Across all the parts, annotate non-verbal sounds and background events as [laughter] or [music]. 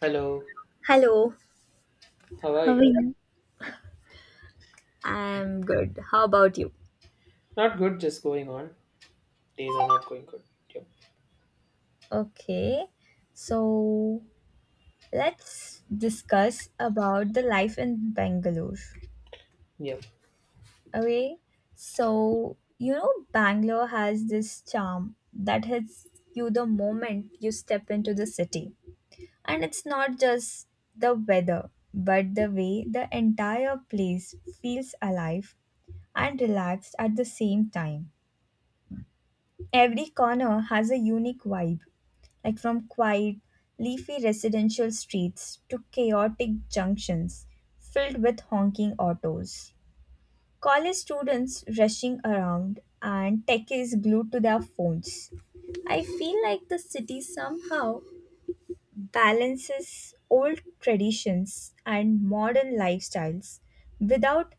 Hello, Hello. how are How are you? you? I'm good. How about you? Not good, just going on. Days are not going good. Yep. Okay, so let's discuss about the life in Bangalore. Yep. Okay, so Bangalore has this charm that hits you the moment you step into the city, and it's not just the weather, but the way the entire place feels alive and relaxed at the same time. Every corner has a unique vibe, like from quiet, leafy residential streets to chaotic junctions filled with honking autos. College students rushing around and techies glued to their phones. I feel like the city somehow balances old traditions and modern lifestyles without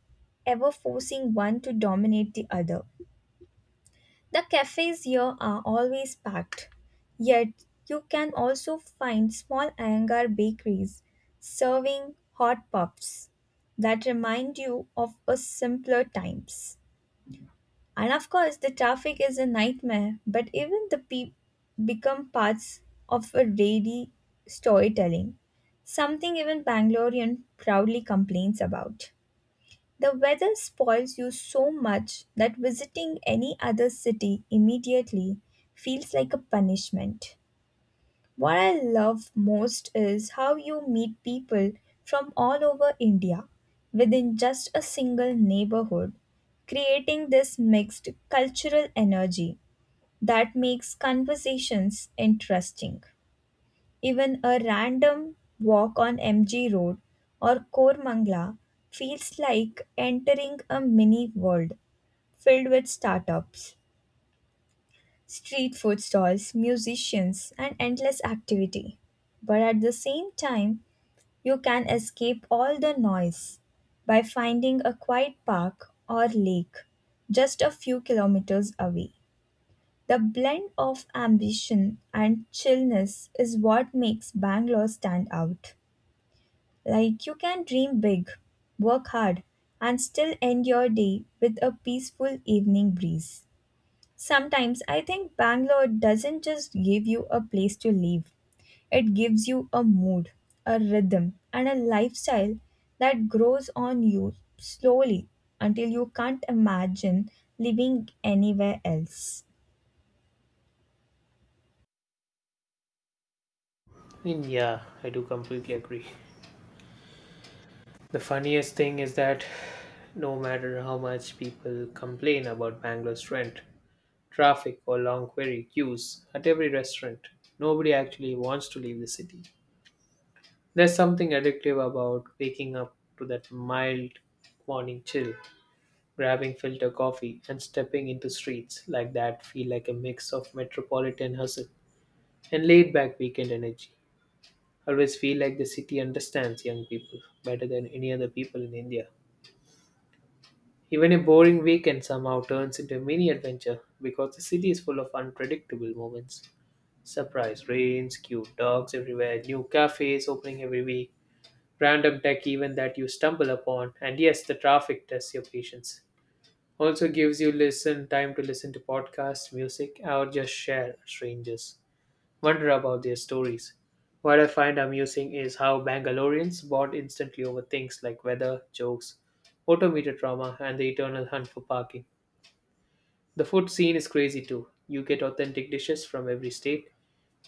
ever forcing one to dominate the other. The cafes here are always packed, yet, you can also find small hangar bakeries serving hot puffs that remind you of a simpler times. And of course, the traffic is a nightmare, but even the people become parts of a daily storytelling, something even Bangalorean proudly complains about. The weather spoils you so much that visiting any other city immediately feels like a punishment. What I love most is how you meet people from all over India within just a single neighborhood, creating this mixed cultural energy that makes conversations interesting. Even a random walk on MG Road or Koramangala feels like entering a mini world filled with startups, street food stalls, musicians, and endless activity. But at the same time, you can escape all the noise by finding a quiet park or lake just a few kilometers away. The blend of ambition and chillness is what makes Bangalore stand out. Like you can dream big, work hard, and still end your day with a peaceful evening breeze. Sometimes I think Bangalore doesn't just give you a place to live, it gives you a mood, a rhythm, and a lifestyle that grows on you slowly until you can't imagine living anywhere else. I Yeah, I do completely agree. The funniest thing is that no matter how much people complain about Bangalore's rent, traffic, or long query queues at every restaurant, nobody actually wants to leave the city. There's something addictive about waking up to that mild morning chill, grabbing filter coffee, and stepping into streets like that feel like a mix of metropolitan hustle and laid back weekend energy. I always feel like the city understands young people better than any other people in India. Even a boring weekend somehow turns into a mini adventure because the city is full of unpredictable moments. Surprise rains, cute dogs everywhere, new cafes opening every week, random tech even that you stumble upon, and yes, the traffic tests your patience. Also gives you listen time to listen to podcasts, music, or just share strangers wonder about their stories. What I find amusing is how Bangaloreans bond instantly over things like weather, jokes, odometer trauma, and the eternal hunt for parking. The food scene is crazy too. You get authentic dishes from every state,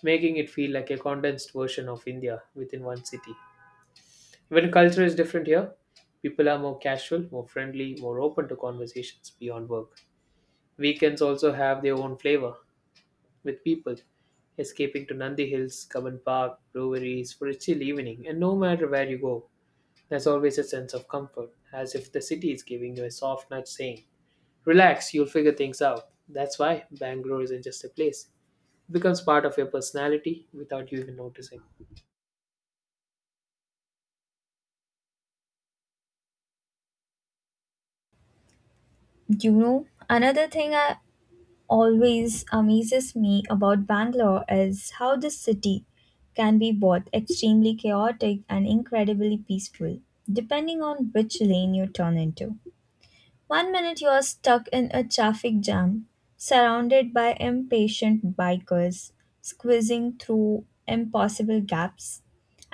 making it feel like a condensed version of India within one city. When culture is different here, people are more casual, more friendly, more open to conversations beyond work. Weekends also have their own flavor, with people escaping to Nandi Hills, Cubbon Park, breweries for a chill evening, and no matter where you go, there's always a sense of comfort, as if the city is giving you a soft nudge saying, "Relax, you'll figure things out." That's why Bangalore isn't just a place. It becomes part of your personality without you even noticing. Another thing always amazes me about Bangalore is how this city can be both extremely chaotic and incredibly peaceful, depending on which lane you turn into. One minute you are stuck in a traffic jam, surrounded by impatient bikers squeezing through impossible gaps,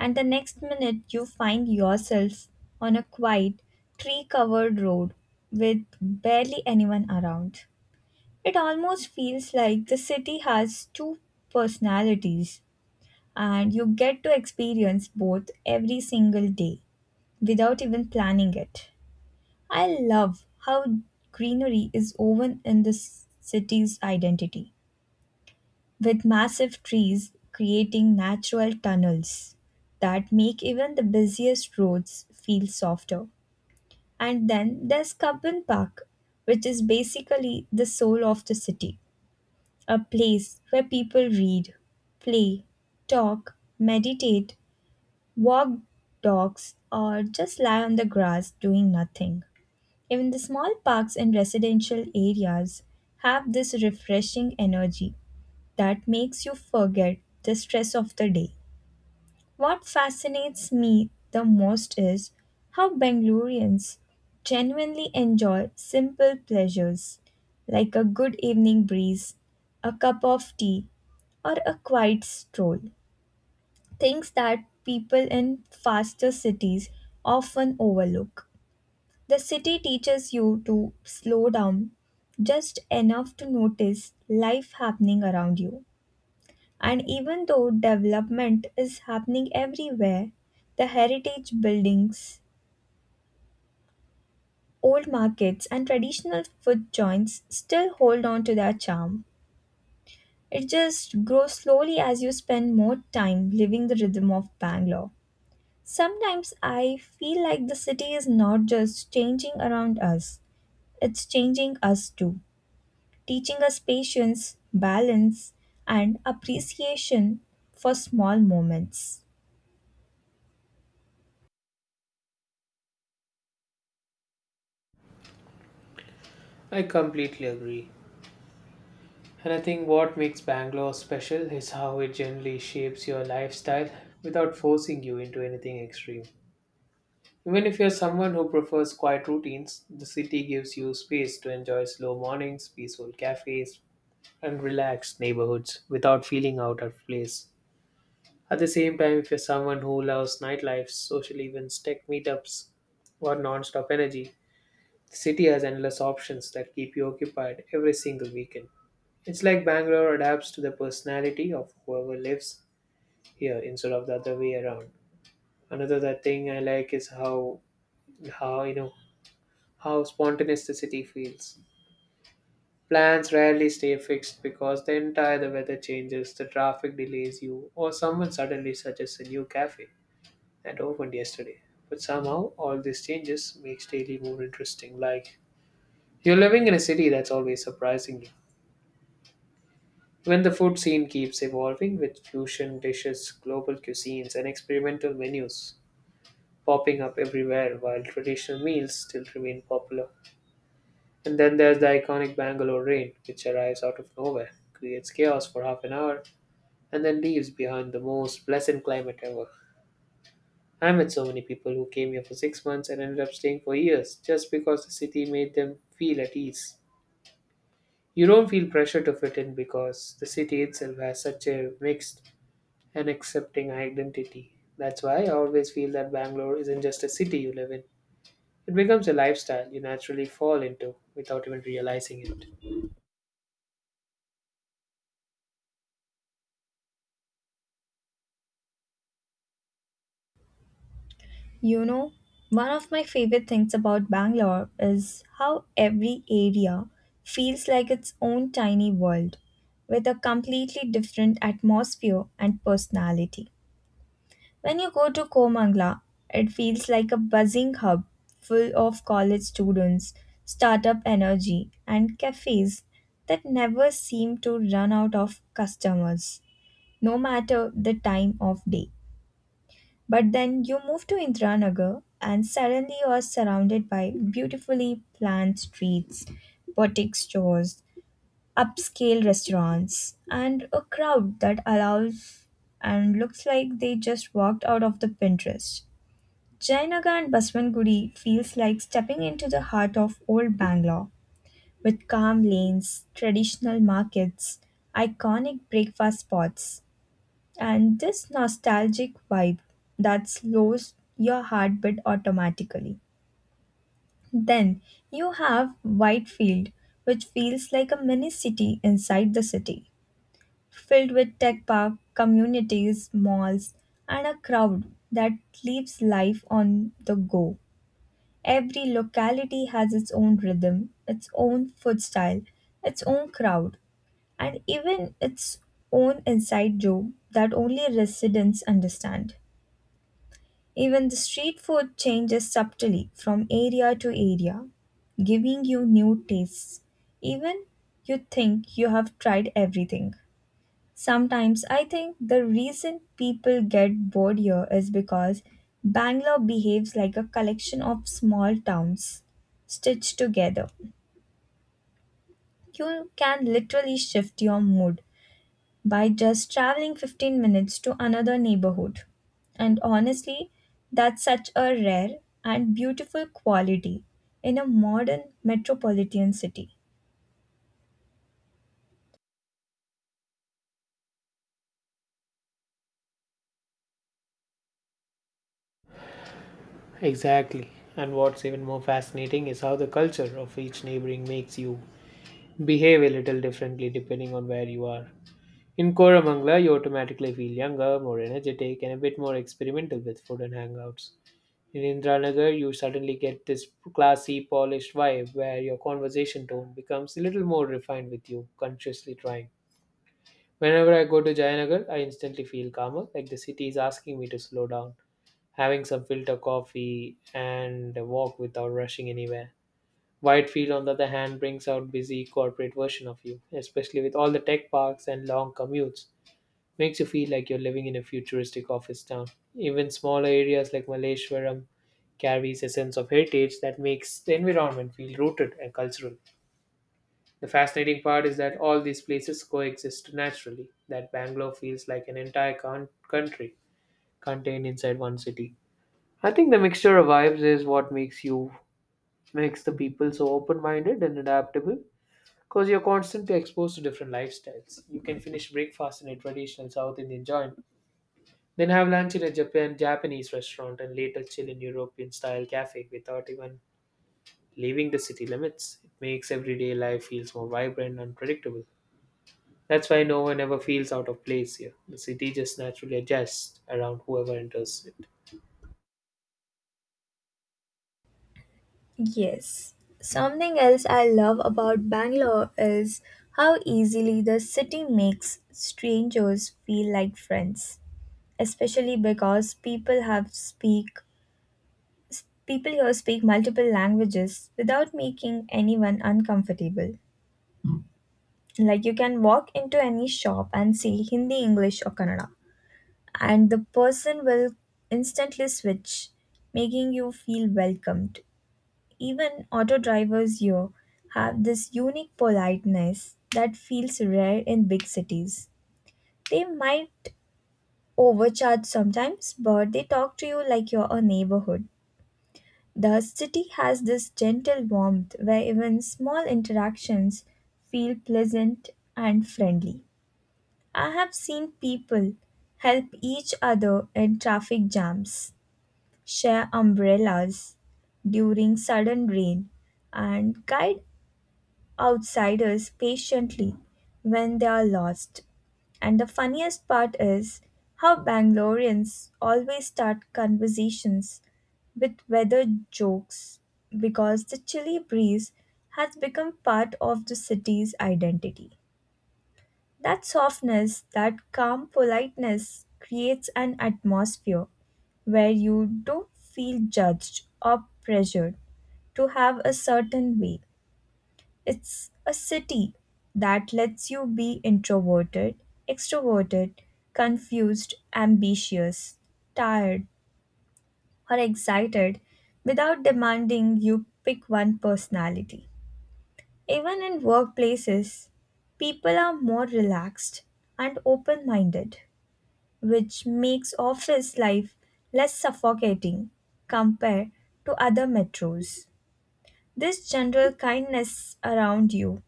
and the next minute you find yourself on a quiet, tree covered road with barely anyone around. It almost feels like the city has two personalities, and you get to experience both every single day without even planning it. I love how greenery is woven in the city's identity, with massive trees creating natural tunnels that make even the busiest roads feel softer. And then there's Cubbon Park, which is basically the soul of the city. A place where people read, play, talk, meditate, walk dogs, or just lie on the grass doing nothing. Even the small parks in residential areas have this refreshing energy that makes you forget the stress of the day. What fascinates me the most is how Bangaloreans genuinely enjoy simple pleasures like a good evening breeze, a cup of tea, or a quiet stroll, things that people in faster cities often overlook. The city teaches you to slow down just enough to notice life happening around you. And even though development is happening everywhere, the heritage buildings, old markets, and traditional food joints still hold on to their charm. It just grows slowly as you spend more time living the rhythm of Bangalore. Sometimes I feel like the city is not just changing around us, it's changing us too, teaching us patience, balance, and appreciation for small moments. I completely agree. And I think what makes Bangalore special is how it generally shapes your lifestyle without forcing you into anything extreme. Even if you're someone who prefers quiet routines, the city gives you space to enjoy slow mornings, peaceful cafes, and relaxed neighborhoods without feeling out of place. At the same time, if you're someone who loves nightlife, social events, tech meetups, or non-stop energy, the city has endless options that keep you occupied every single weekend. It's like Bangalore adapts to the personality of whoever lives here instead of the other way around. Another that thing I like is how you know how spontaneous the city feels. Plans rarely stay fixed because the weather changes, the traffic delays you, or someone suddenly suggests a new cafe that opened yesterday. But somehow all these changes makes daily more interesting. Like you're living in a city that's always surprising you. When the food scene keeps evolving with fusion dishes, global cuisines, and experimental menus popping up everywhere while traditional meals still remain popular. And then there's the iconic Bangalore rain, which arrives out of nowhere, creates chaos for half an hour, and then leaves behind the most pleasant climate ever. I met so many people who came here for 6 months and ended up staying for years just because the city made them feel at ease. You don't feel pressure to fit in because the city itself has such a mixed and accepting identity. That's why I always feel that Bangalore isn't just a city you live in, it becomes a lifestyle you naturally fall into without even realizing it. You know, one of my favorite things about Bangalore is how every area feels like its own tiny world with a completely different atmosphere and personality. When you go to Komangla, it feels like a buzzing hub full of college students, startup energy, and cafes that never seem to run out of customers, no matter the time of day. But then you move to Indranagar, and suddenly you are surrounded by beautifully planned streets, boutique stores, upscale restaurants, and a crowd that allows and looks like they just walked out of the Pinterest. Jainaga and Baswangudi feels like stepping into the heart of old Bangalore with calm lanes, traditional markets, iconic breakfast spots, and this nostalgic vibe that slows your heartbeat automatically. Then you have Whitefield, which feels like a mini city inside the city, filled with tech park, communities, malls, and a crowd that lives life on the go. Every locality has its own rhythm, its own food style, its own crowd, and even its own inside joke that only residents understand. Even the street food changes subtly from area to area, giving you new tastes, even you think you have tried everything. Sometimes I think the reason people get bored here is because Bangalore behaves like a collection of small towns stitched together. You can literally shift your mood by just traveling 15 minutes to another neighborhood. And honestly, that's such a rare and beautiful quality in a modern metropolitan city. Exactly. And what's even more fascinating is how the culture of each neighboring makes you behave a little differently depending on where you are. In Koramangala, you automatically feel younger, more energetic, and a bit more experimental with food and hangouts. In Indranagar, you suddenly get this classy, polished vibe where your conversation tone becomes a little more refined with you consciously trying. Whenever I go to Jayanagar, I instantly feel calmer, like the city is asking me to slow down, having some filter coffee, and a walk without rushing anywhere. Whitefield, on the other hand, brings out busy corporate version of you, especially with all the tech parks and long commutes. Makes you feel like you're living in a futuristic office town. Even smaller areas like Malleshwaram carries a sense of heritage that makes the environment feel rooted and cultural. The fascinating part is that all these places coexist naturally, that Bangalore feels like an entire country contained inside one city. I think the mixture of vibes is what makes the people so open-minded and adaptable because you're constantly exposed to different lifestyles. You can finish breakfast in a traditional South Indian joint, then have lunch in a Japanese restaurant and later chill in European style cafe without even leaving the city limits. It makes everyday life feels more vibrant and predictable. That's why no one ever feels out of place here. The city just naturally adjusts around whoever enters it. Yes. Something else I love about Bangalore is how easily the city makes strangers feel like friends, especially because people here speak multiple languages without making anyone uncomfortable. Like you can walk into any shop and see Hindi, English or Kannada and the person will instantly switch, making you feel welcomed. Even auto drivers here have this unique politeness that feels rare in big cities. They might overcharge sometimes, but they talk to you like you're a neighborhood. The city has this gentle warmth where even small interactions feel pleasant and friendly. I have seen people help each other in traffic jams, share umbrellas during sudden rain, and guide outsiders patiently when they are lost. And the funniest part is how Bangaloreans always start conversations with weather jokes because the chilly breeze has become part of the city's identity. That softness, that calm politeness creates an atmosphere where you don't feel judged or pressured to have a certain way. It's a city that lets you be introverted, extroverted, confused, ambitious, tired, or excited without demanding you pick one personality. Even in workplaces, people are more relaxed and open minded, which makes office life less suffocating compared to other metros. This general kindness around you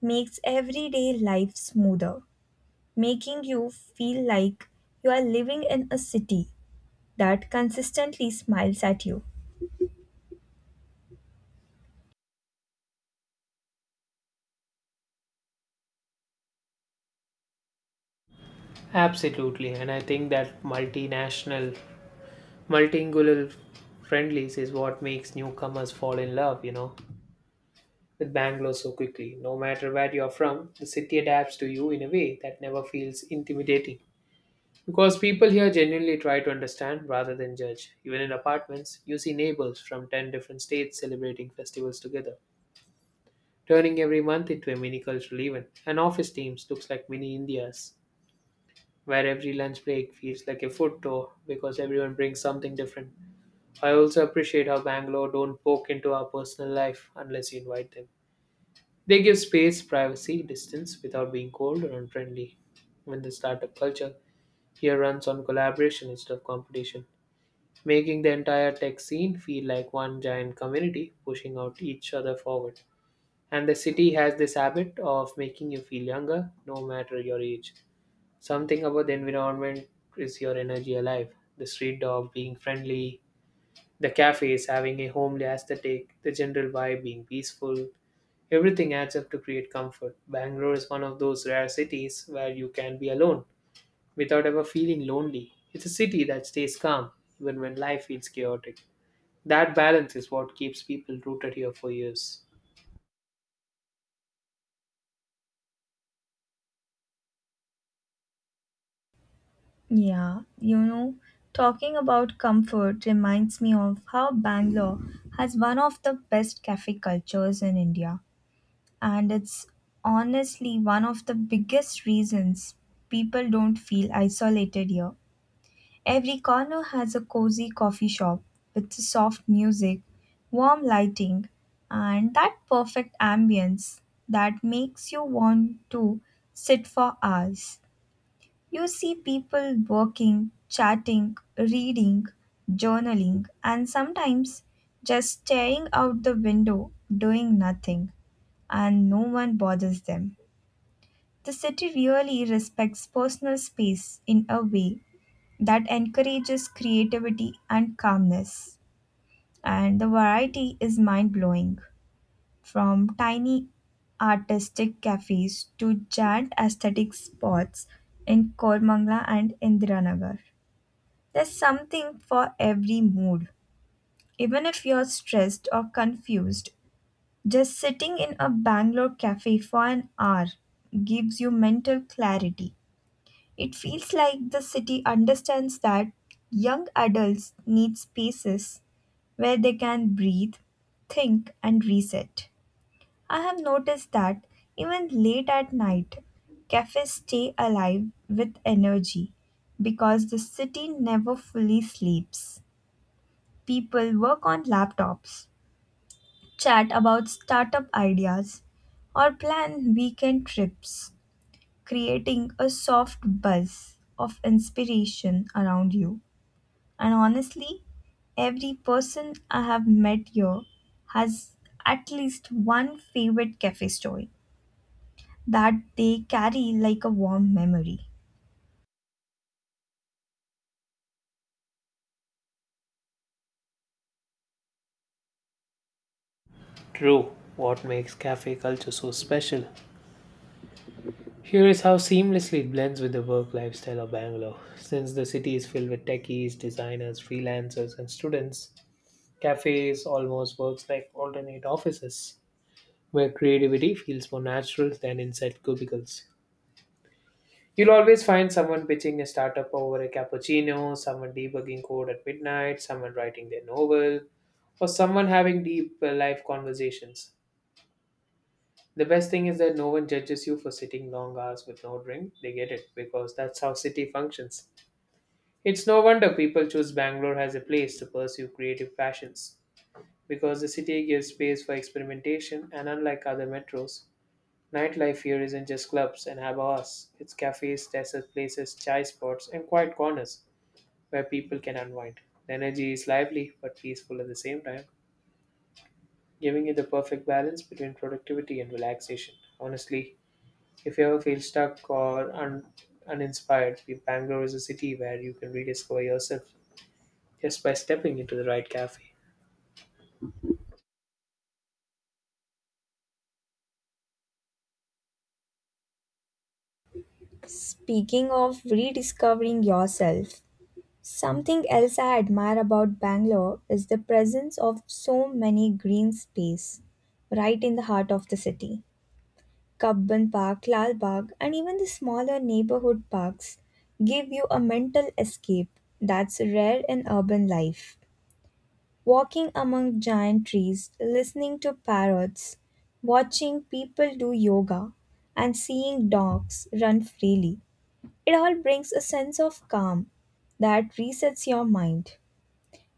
makes everyday life smoother, making you feel like you are living in a city that consistently smiles at you. Absolutely, and I think that multinational multilingual friendlies is what makes newcomers fall in love, with Bangalore so quickly. No matter where you're from, the city adapts to you in a way that never feels intimidating, because people here genuinely try to understand rather than judge. Even in apartments, you see neighbors from 10 different states celebrating festivals together, turning every month into a mini cultural event. And office teams looks like mini Indias, where every lunch break feels like a food tour because everyone brings something different. I also appreciate how Bangalore don't poke into our personal life unless you invite them. They give space, privacy, distance without being cold or unfriendly. When the startup culture here runs on collaboration instead of competition, making the entire tech scene feel like one giant community pushing out each other forward. And the city has this habit of making you feel younger no matter your age. Something about the environment is your energy alive. The street dog being friendly, the cafe is having a homely aesthetic, the general vibe being peaceful. Everything adds up to create comfort. Bangalore is one of those rare cities where you can be alone without ever feeling lonely. It's a city that stays calm even when life feels chaotic. That balance is what keeps people rooted here for years. Yeah, talking about comfort reminds me of how Bangalore has one of the best cafe cultures in India. And it's honestly one of the biggest reasons people don't feel isolated here. Every corner has a cozy coffee shop with soft music, warm lighting, and that perfect ambience that makes you want to sit for hours. You see people working, chatting, reading, journaling, and sometimes just staring out the window doing nothing, and no one bothers them. The city really respects personal space in a way that encourages creativity and calmness. And the variety is mind blowing from tiny artistic cafes to giant aesthetic spots in Kormangla and Indiranagar. There's something for every mood. Even if you're stressed or confused, just sitting in a Bangalore cafe for an hour gives you mental clarity. It feels like the city understands that young adults need spaces where they can breathe, think, and reset. I have noticed that even late at night, cafes stay alive with energy because the city never fully sleeps. People work on laptops, chat about startup ideas, or plan weekend trips, creating a soft buzz of inspiration around you. And honestly, every person I have met here has at least one favorite cafe story that they carry like a warm memory. True, what makes cafe culture so special here is how seamlessly it blends with the work lifestyle of Bangalore. Since the city is filled with techies, designers, freelancers, and students, cafes almost works like alternate offices, where creativity feels more natural than inside cubicles. You'll always find someone pitching a startup over a cappuccino, someone debugging code at midnight, someone writing their novel, or someone having deep life conversations. The best thing is that no one judges you for sitting long hours with no drink. They get it because that's how city functions. It's no wonder people choose Bangalore as a place to pursue creative passions, because the city gives space for experimentation and unlike other metros, nightlife here isn't just clubs and have. It's cafes, desert places, chai spots, and quiet corners where people can unwind. The energy is lively but peaceful at the same time, giving it the perfect balance between productivity and relaxation. Honestly, if you ever feel stuck or uninspired, Bangalore is a city where you can rediscover yourself just by stepping into the right cafe. Speaking of rediscovering yourself, something else I admire about Bangalore is the presence of so many green space right in the heart of the city. Kabban Park, Lal Bagh, and even the smaller neighborhood parks give you a mental escape that's rare in urban life. Walking among giant trees, listening to parrots, watching people do yoga, and seeing dogs run freely. It all brings a sense of calm that resets your mind.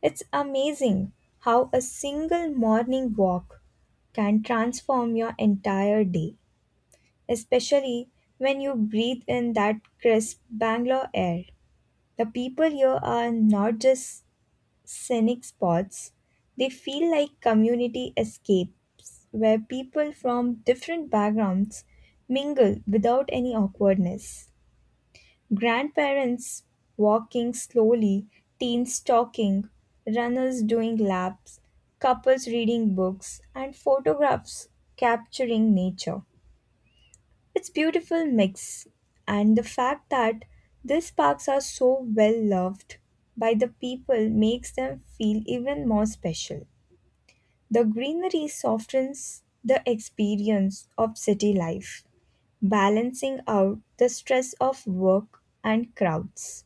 It's amazing how a single morning walk can transform your entire day, especially when you breathe in that crisp Bangalore air. The people here are not just scenic spots, they feel like community escapes where people from different backgrounds mingle without any awkwardness. Grandparents walking slowly, teens talking, runners doing laps, couples reading books, and photographs capturing nature. It's beautiful mix and the fact that these parks are so well loved by the people makes them feel even more special. The greenery softens the experience of city life, balancing out the stress of work and crowds.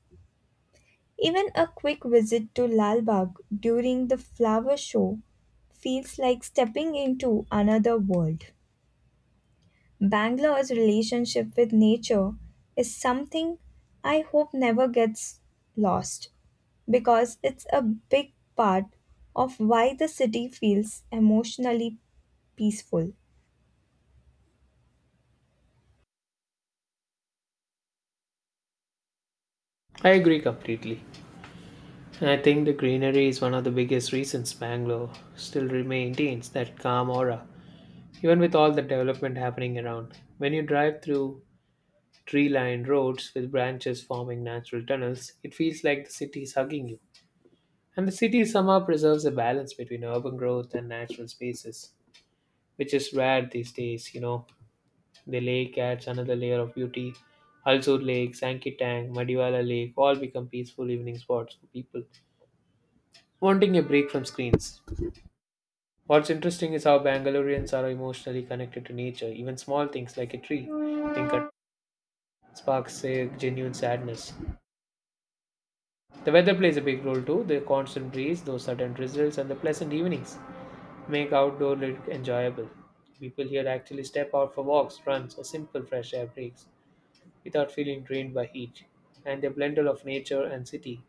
Even a quick visit to Lal Bagh during the flower show feels like stepping into another world. Bangalore's relationship with nature is something I hope never gets lost because it's a big part of why the city feels emotionally peaceful. I agree completely. And I think the greenery is one of the biggest reasons Bangalore still maintains that calm aura, even with all the development happening around. When you drive through tree lined roads with branches forming natural tunnels, it feels like the city is hugging you. And the city somehow preserves a balance between urban growth and natural spaces, which is rare these days. The lake adds another layer of beauty. Halsur Lake, Sankitang, Madiwala Lake all become peaceful evening spots for people wanting a break from screens. What's interesting is how Bangaloreans are emotionally connected to nature. Even small things like a tree, think it sparks a genuine sadness. The weather plays a big role too. The constant breeze, those sudden drizzles, and the pleasant evenings make outdoor look enjoyable. People here actually step out for walks, runs, or simple fresh air breaks without feeling drained by heat. And the blendle of nature and city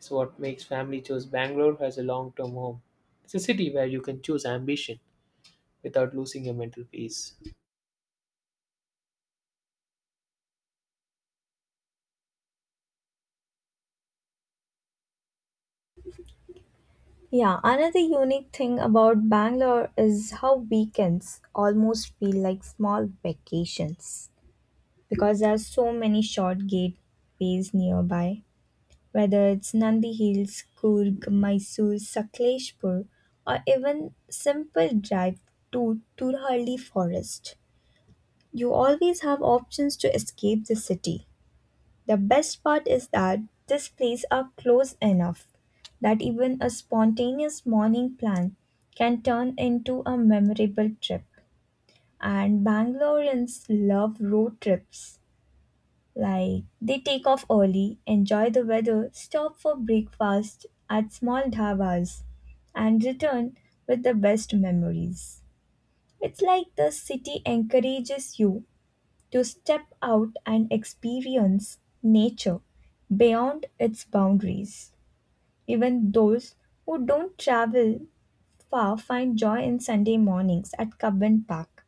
is what makes family choose Bangalore as a long-term home. It's a city where you can choose ambition without losing your mental peace. Yeah, another unique thing about Bangalore is how weekends almost feel like small vacations because there are so many short gateways nearby whether it's Nandi Hills, Coorg, Mysore, Sakleshpur, or even simple drive to Turhalli Forest. You always have options to escape the city. The best part is that these places are close enough that even a spontaneous morning plan can turn into a memorable trip. And Bangaloreans love road trips like they take off early, enjoy the weather, stop for breakfast at small dhabas, and return with the best memories. It's like the city encourages you to step out and experience nature beyond its boundaries. Even those who don't travel far find joy in Sunday mornings at Cubbon Park,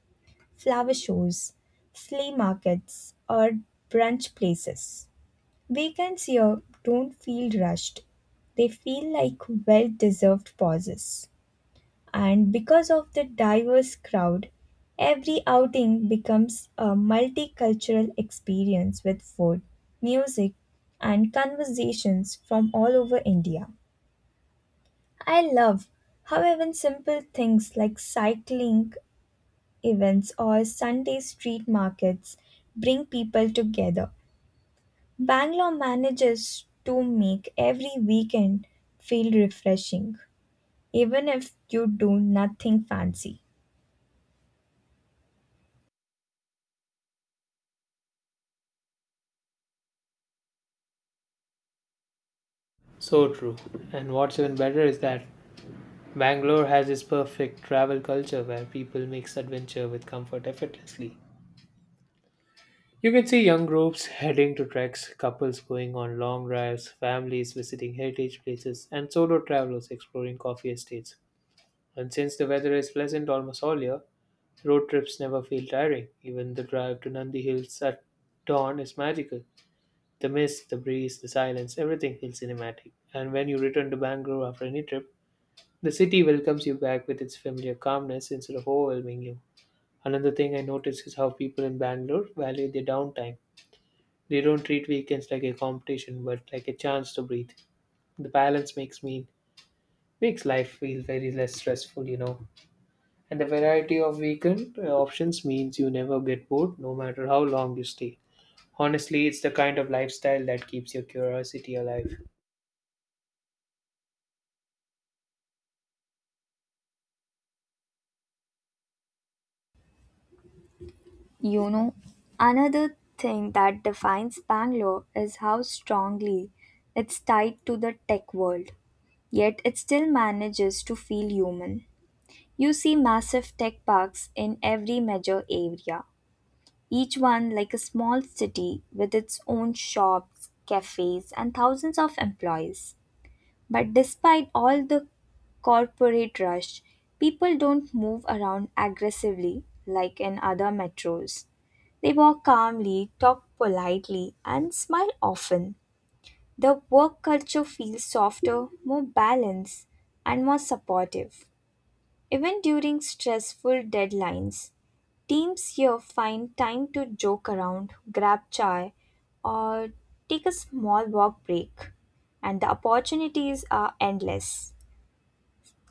flower shows, flea markets, or brunch places. Weekends here don't feel rushed. They feel like well deserved pauses. And because of the diverse crowd, every outing becomes a multicultural experience with food, music, and conversations from all over India. I love how even simple things like cycling events or Sunday street markets bring people together Bangalore manages to make every weekend feel refreshing, even if you do nothing fancy. So true. And what's even better is that Bangalore has this perfect travel culture where people mix adventure with comfort effortlessly. You can see young groups heading to treks, couples going on long drives, families visiting heritage places, and solo travelers exploring coffee estates. And since the weather is pleasant almost all year, road trips never feel tiring. Even the drive to Nandi Hills at dawn is magical. The mist, the breeze, the silence, everything feels cinematic. And when you return to Bangalore after any trip, the city welcomes you back with its familiar calmness instead of overwhelming you. Another thing I noticed is how people in Bangalore value their downtime. They don't treat weekends like a competition but like a chance to breathe. The balance makes life feel very less stressful. And the variety of weekend options means you never get bored no matter how long you stay. Honestly, it's the kind of lifestyle that keeps your curiosity alive. You know, another thing that defines Bangalore is how strongly it's tied to the tech world, yet it still manages to feel human. You see massive tech parks in every major area, each one like a small city with its own shops, cafes, and thousands of employees. But despite all the corporate rush, people don't move around aggressively like in other metros. They walk calmly, talk politely, and smile often. The work culture feels softer, more balanced, and more supportive. Even during stressful deadlines, teams here find time to joke around, grab chai, or take a small walk break, and the opportunities are endless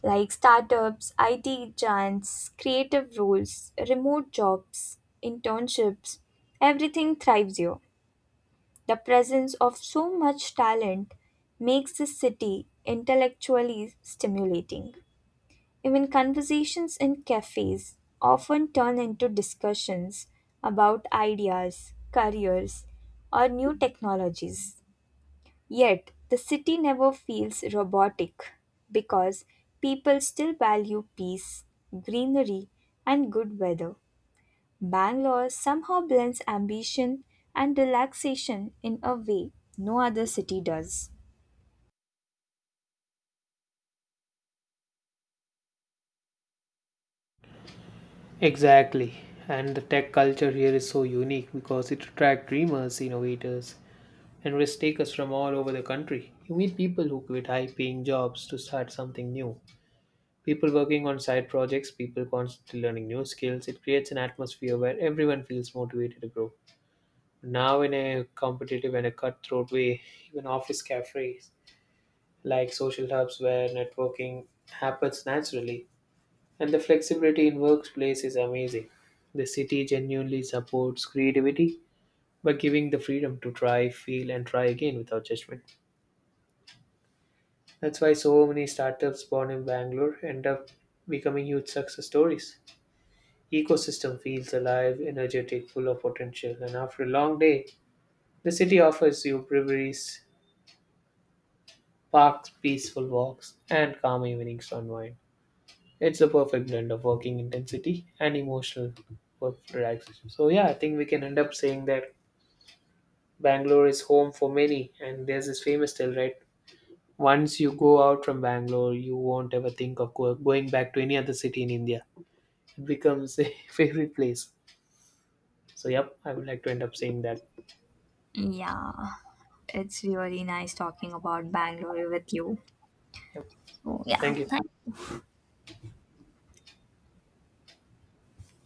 like startups, IT giants, creative roles, remote jobs, internships, everything thrives here. The presence of so much talent makes this city intellectually stimulating. Even conversations in cafes often turn into discussions about ideas, careers, or new technologies. Yet, the city never feels robotic because people still value peace, greenery, and good weather. Bangalore somehow blends ambition and relaxation in a way no other city does. Exactly. And the tech culture here is so unique because it attracts dreamers, innovators, and risk takers from all over the country. You meet people who quit high paying jobs to start something new, people working on side projects, people constantly learning new skills. It creates an atmosphere where everyone feels motivated to grow, now, in a competitive and a cutthroat way. Even office cafes like social hubs where networking happens naturally, and the flexibility in workplace is amazing. The city genuinely supports creativity by giving the freedom to try, feel, and try again without judgment. That's why so many startups born in Bangalore end up becoming huge success stories. Ecosystem feels alive, energetic, full of potential, and after a long day, the city offers you breweries, parks, peaceful walks, and calm evenings to unwind. It's a perfect blend of working intensity and emotional work relaxation. So yeah, I think we can end up saying that Bangalore is home for many, and there's this famous tale, right? Once you go out from Bangalore, you won't ever think of going back to any other city in India. Becomes a [laughs] favorite place. So, yep, I would like to end up saying that. Yeah, it's really nice talking about Bangalore with you. Yep. So, yeah. Thank you.